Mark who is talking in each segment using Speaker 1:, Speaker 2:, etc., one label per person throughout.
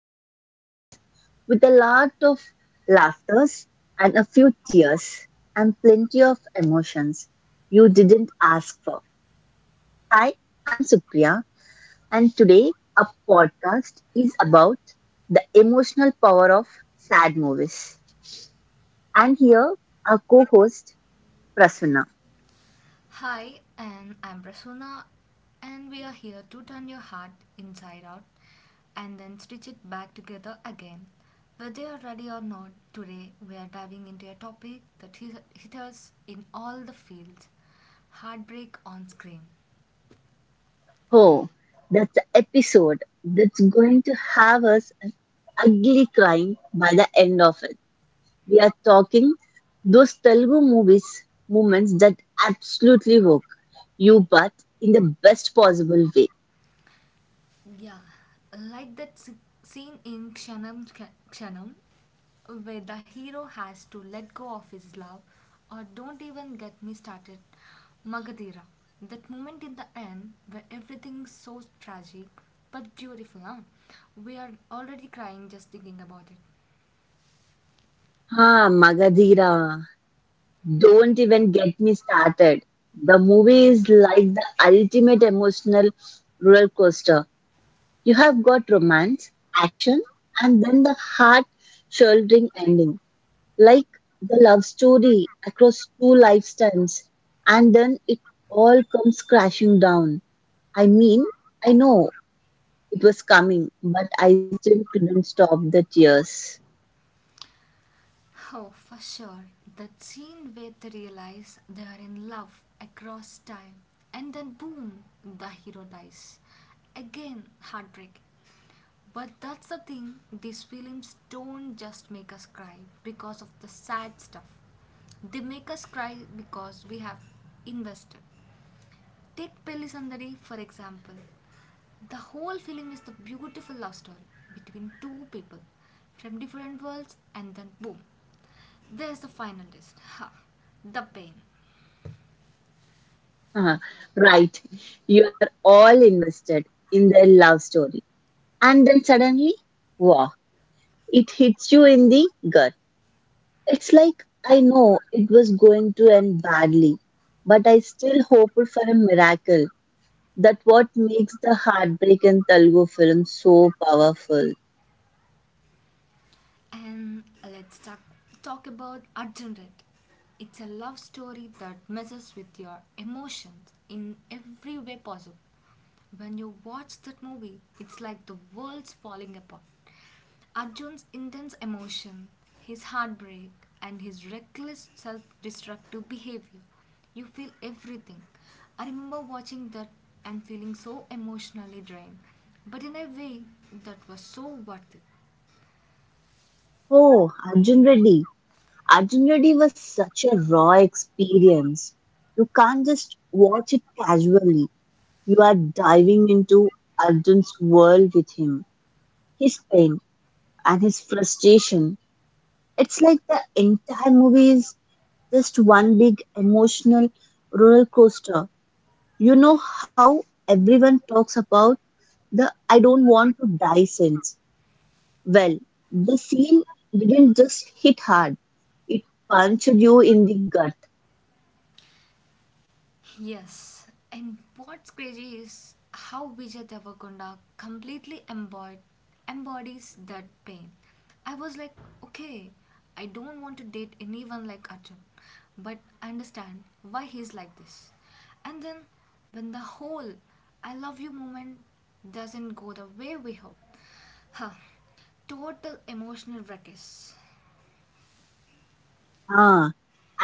Speaker 1: movies and books, with a lot of laughters and a few tears and plenty of emotions you didn't ask for. Hi, I'm Supriya, and today our podcast is about the emotional power of sad movies. And here, our co host Prasanna.
Speaker 2: Hi, and I'm Prasuna, and we are here to turn your heart inside out and then stitch it back together again. Whether you're ready or not, today we are diving into a topic that hit us in all the fields heartbreak on screen.
Speaker 1: Oh, that's the episode that's going to have us an ugly crying by the end of it. We are talking those Telugu movies, moments that absolutely work you, but in the best possible way.
Speaker 2: Yeah, like scene in Kshanam, where the hero has to let go of his love, or don't even get me started, Magadira. That moment in the end where everything's so tragic but beautiful, huh? We are already crying just thinking about it.
Speaker 1: Ah, Magadira, don't even get me started. The movie is like the ultimate emotional roller coaster. You have got romance, action, and then the heart shouldering ending. Like the love story across two lifetimes, and then it all comes crashing down. I mean, I know it was coming, but I still couldn't stop the tears.
Speaker 2: Oh, for sure. That scene where they realize they are in love across time, and then boom, the hero dies. Again, heartbreak. But that's the thing, these films don't just make us cry because of the sad stuff. They make us cry because we have invested. Take Pelli Pelisandari for example. The whole film is the beautiful love story between two people from different worlds and then boom, there's the final twist. Ha, the pain.
Speaker 1: Ah, right, you are all invested in their love story, and then suddenly, wow, it hits you in the gut. It's like I know it was going to end badly, but I still hoped for a miracle that what makes the heartbreak in Telugu film so powerful.
Speaker 2: And talk about Arjun Red. It's a love story that messes with your emotions in every way possible. When you watch that movie, it's like the world's falling apart. Arjun's intense emotion, his heartbreak, and his reckless self destructive behavior. You feel everything. I remember watching that and feeling so emotionally drained, but in a way that was so worth it.
Speaker 1: Oh, Arjun Reddy. Arjun Reddy was such a raw experience. You can't just watch it casually. You are diving into Arjun's world with him, his pain and his frustration. It's like the entire movie is just one big emotional roller coaster. You know how everyone talks about the I don't want to die sense. Well, the scene didn't just hit hard, it punched you in the gut.
Speaker 2: Yes, and what's crazy is how Vijay Devakonda embodies that pain. I was like, okay, I don't want to date anyone like Arjun, but I understand why he's like this. And then when the whole I love you moment doesn't go the way we hope, huh, total emotional wreckage.
Speaker 1: Ah,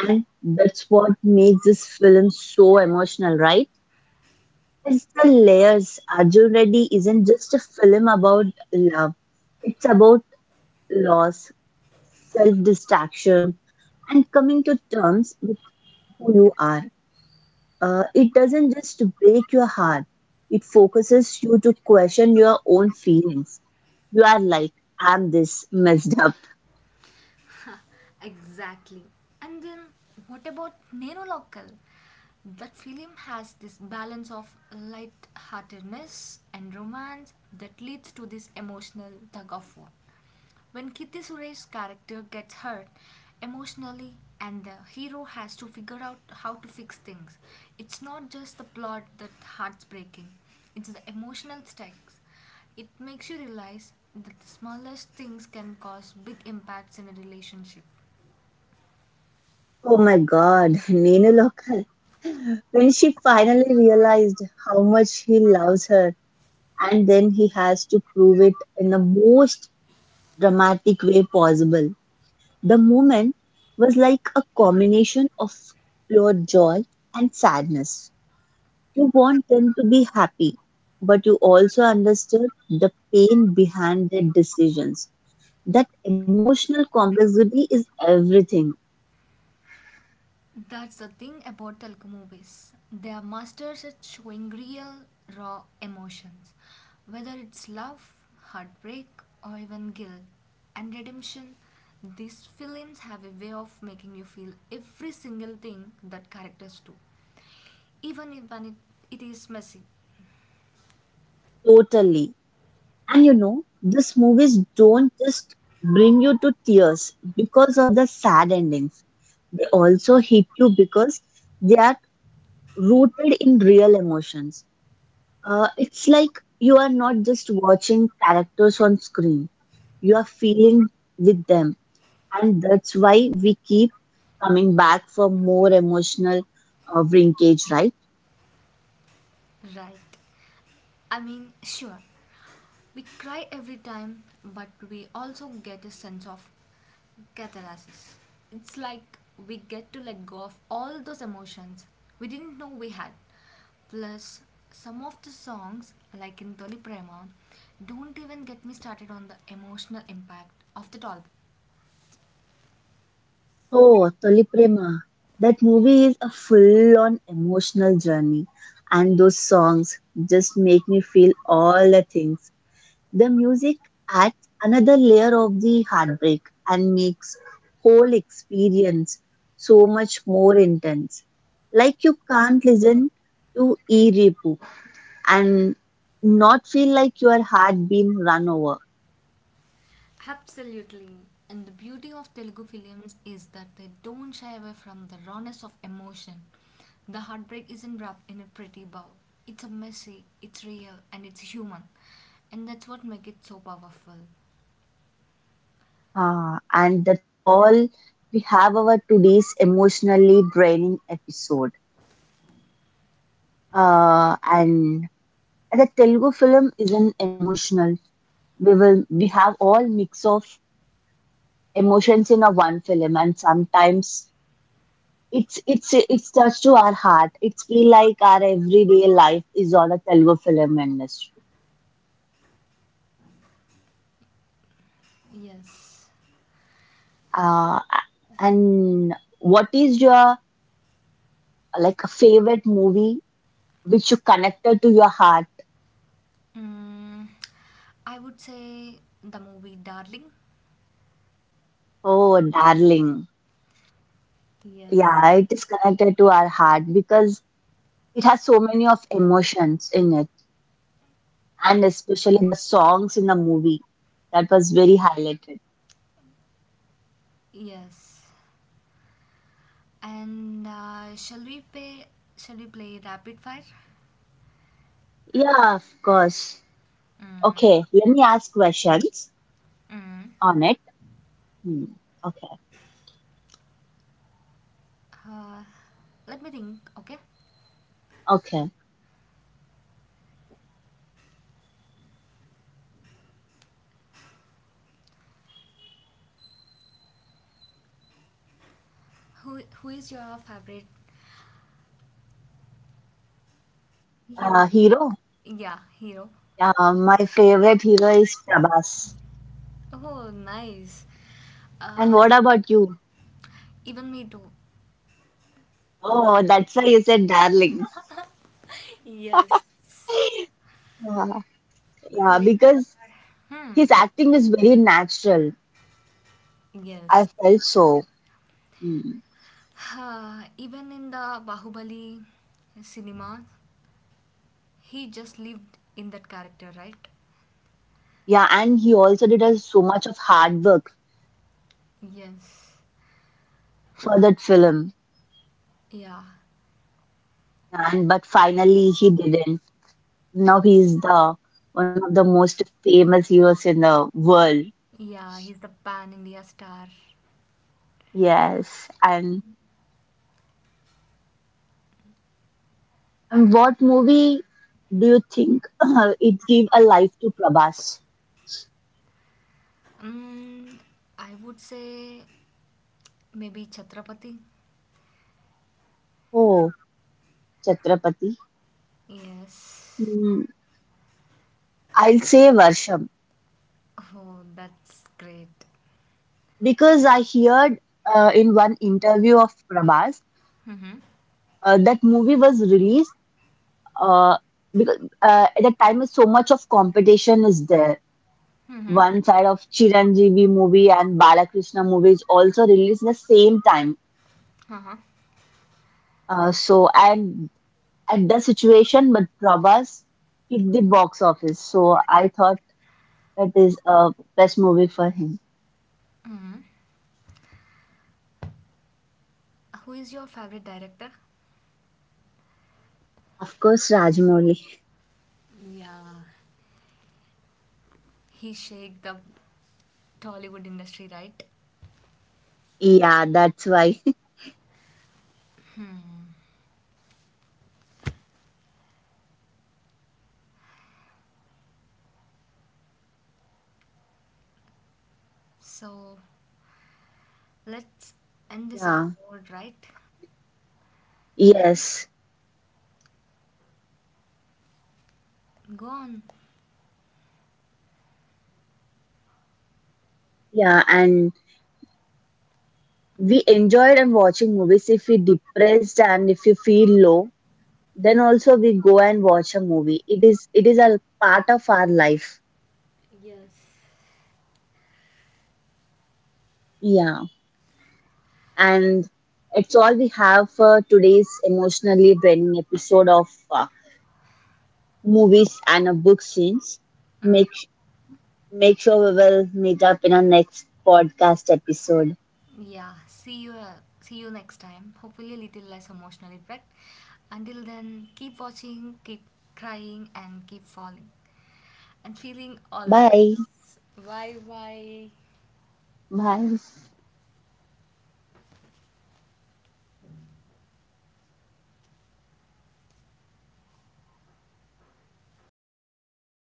Speaker 1: and that's what makes this film so emotional, right? It's the layers. Arjun Reddy isn't just a film about love, it's about loss, self distraction, and coming to terms with who you are. It doesn't just break your heart, it focuses you to question your own feelings. You are like, I'm this messed up.
Speaker 2: Exactly. And then what about Neno Local? That film has this balance of light-heartedness and romance that leads to this emotional tug of war. When Kirti Suresh's character gets hurt emotionally and the hero has to figure out how to fix things, it's not just the plot that heart's breaking, it's the emotional stakes. It makes you realize that the smallest things can cause big impacts in a relationship.
Speaker 1: Oh my God, Nino Local. When she finally realized how much he loves her, and then he has to prove it in the most dramatic way possible. The moment was like a combination of pure joy and sadness. You want them to be happy, but you also understood the pain behind their decisions. That emotional complexity is everything,
Speaker 2: That's the thing about Telugu movies. They are masters at showing real, raw emotions, whether it's love, heartbreak, or even guilt and redemption. These films have a way of making you feel every single thing that characters do, even if when it is messy,
Speaker 1: totally. And you know, these movies don't just bring you to tears because of the sad endings. They also hit you because they are rooted in real emotions. It's like you are not just watching characters on screen, you are feeling with them. And that's why we keep coming back for more emotional linkage, right?
Speaker 2: right? I mean, sure, we cry every time, but we also get a sense of catharsis. It's like we get to let go of all those emotions we didn't know we had. Plus, some of the songs, like in Toli Prema, don't even get me started on the emotional impact of the album.
Speaker 1: Oh, Toli Prema. That movie is a full-on emotional journey, and those songs just make me feel all the things. The music adds another layer of the heartbreak and makes whole experience so much more intense. Like you can't listen to E Repu and not feel like your heart being run over.
Speaker 2: Absolutely. And the beauty of Telugu films is that they don't shy away from the rawness of emotion. The heartbreak isn't wrapped in a pretty bow. It's a messy, it's real, and it's human. And that's what makes it so powerful.
Speaker 1: Ah, and that's all we have our today's emotionally draining episode. And the Telugu film isn't emotional. We have all mix of emotions in a one film, and sometimes it's touched to our heart. It's feel like our everyday life is on a Telugu film industry.
Speaker 2: Yes.
Speaker 1: Uh, and what is your like favorite movie which you connected to your heart?
Speaker 2: Mm, I would say the movie Darling.
Speaker 1: Oh, darling.
Speaker 2: Yes.
Speaker 1: Yeah, it is connected to our heart because it has so many of emotions in it, and especially the songs in the movie that was very highlighted.
Speaker 2: Yes. And shall we play rapid fire?
Speaker 1: Yeah, of course.
Speaker 2: Mm.
Speaker 1: Okay, let me ask questions
Speaker 2: Mm.
Speaker 1: on it. Hmm. Okay,
Speaker 2: Uh, Let me think. Okay.
Speaker 1: okay.
Speaker 2: Who is your favorite hero?
Speaker 1: Hero.
Speaker 2: Yeah, hero.
Speaker 1: My favorite hero is Prabhas.
Speaker 2: Oh, nice.
Speaker 1: And
Speaker 2: Uh,
Speaker 1: what about you?
Speaker 2: Even me too.
Speaker 1: Oh, that's why you said darling.
Speaker 2: Yes.
Speaker 1: Yeah, yeah,
Speaker 2: Who is?
Speaker 1: because
Speaker 2: Hmm.
Speaker 1: his acting is very natural. I
Speaker 2: Yes.
Speaker 1: felt so. Hmm.
Speaker 2: Even in the Bahubali cinema, he just lived in that character, right?
Speaker 1: Yeah, and he also did a, so much of hard work
Speaker 2: Yes.
Speaker 1: for that film,
Speaker 2: Yeah.
Speaker 1: and but finally he didn't. Now he's the one of the most famous heroes in the world.
Speaker 2: Yeah, he's the pan India star.
Speaker 1: Yes, and what movie do you think it gave a life to Prabhas?
Speaker 2: Mm, I would say maybe Chhatrapati.
Speaker 1: Oh, Chhatrapati.
Speaker 2: Yes.
Speaker 1: Hmm, I'll say Varsham
Speaker 2: Oh, that's great.
Speaker 1: because I heard in one interview of Prabhas
Speaker 2: Mm-hmm.
Speaker 1: that movie was released uh, because at that time is so much of competition is there.
Speaker 2: Mm-hmm.
Speaker 1: One side of Chiranjeevi movie and Balakrishna movie is also released the same time.
Speaker 2: Uh-huh.
Speaker 1: So and at the situation, but Prabhas hit the box office. So I thought it is a best movie for him.
Speaker 2: Who is your favorite director?
Speaker 1: Of course, Rajamouli.
Speaker 2: Yeah. He shake the Tollywood industry, right?
Speaker 1: Yeah, that's why.
Speaker 2: So let's end this
Speaker 1: Yeah.
Speaker 2: episode, right?
Speaker 1: Yes.
Speaker 2: Go on.
Speaker 1: Yeah, and we enjoyed and watching movies if we depressed and if you feel low. Then also we go and watch a movie. It is a part of our life.
Speaker 2: Yes.
Speaker 1: Yeah. And it's all we have for today's emotionally draining episode of movies and book scenes.
Speaker 2: Mm.
Speaker 1: Make Make sure we will meet up in our next podcast episode.
Speaker 2: Yeah. See you. See you next time. Hopefully, a little less emotionally wrecked. Until then, keep watching, keep crying, and keep falling, and feeling all the
Speaker 1: Bye.
Speaker 2: things. Bye bye.
Speaker 1: Bye.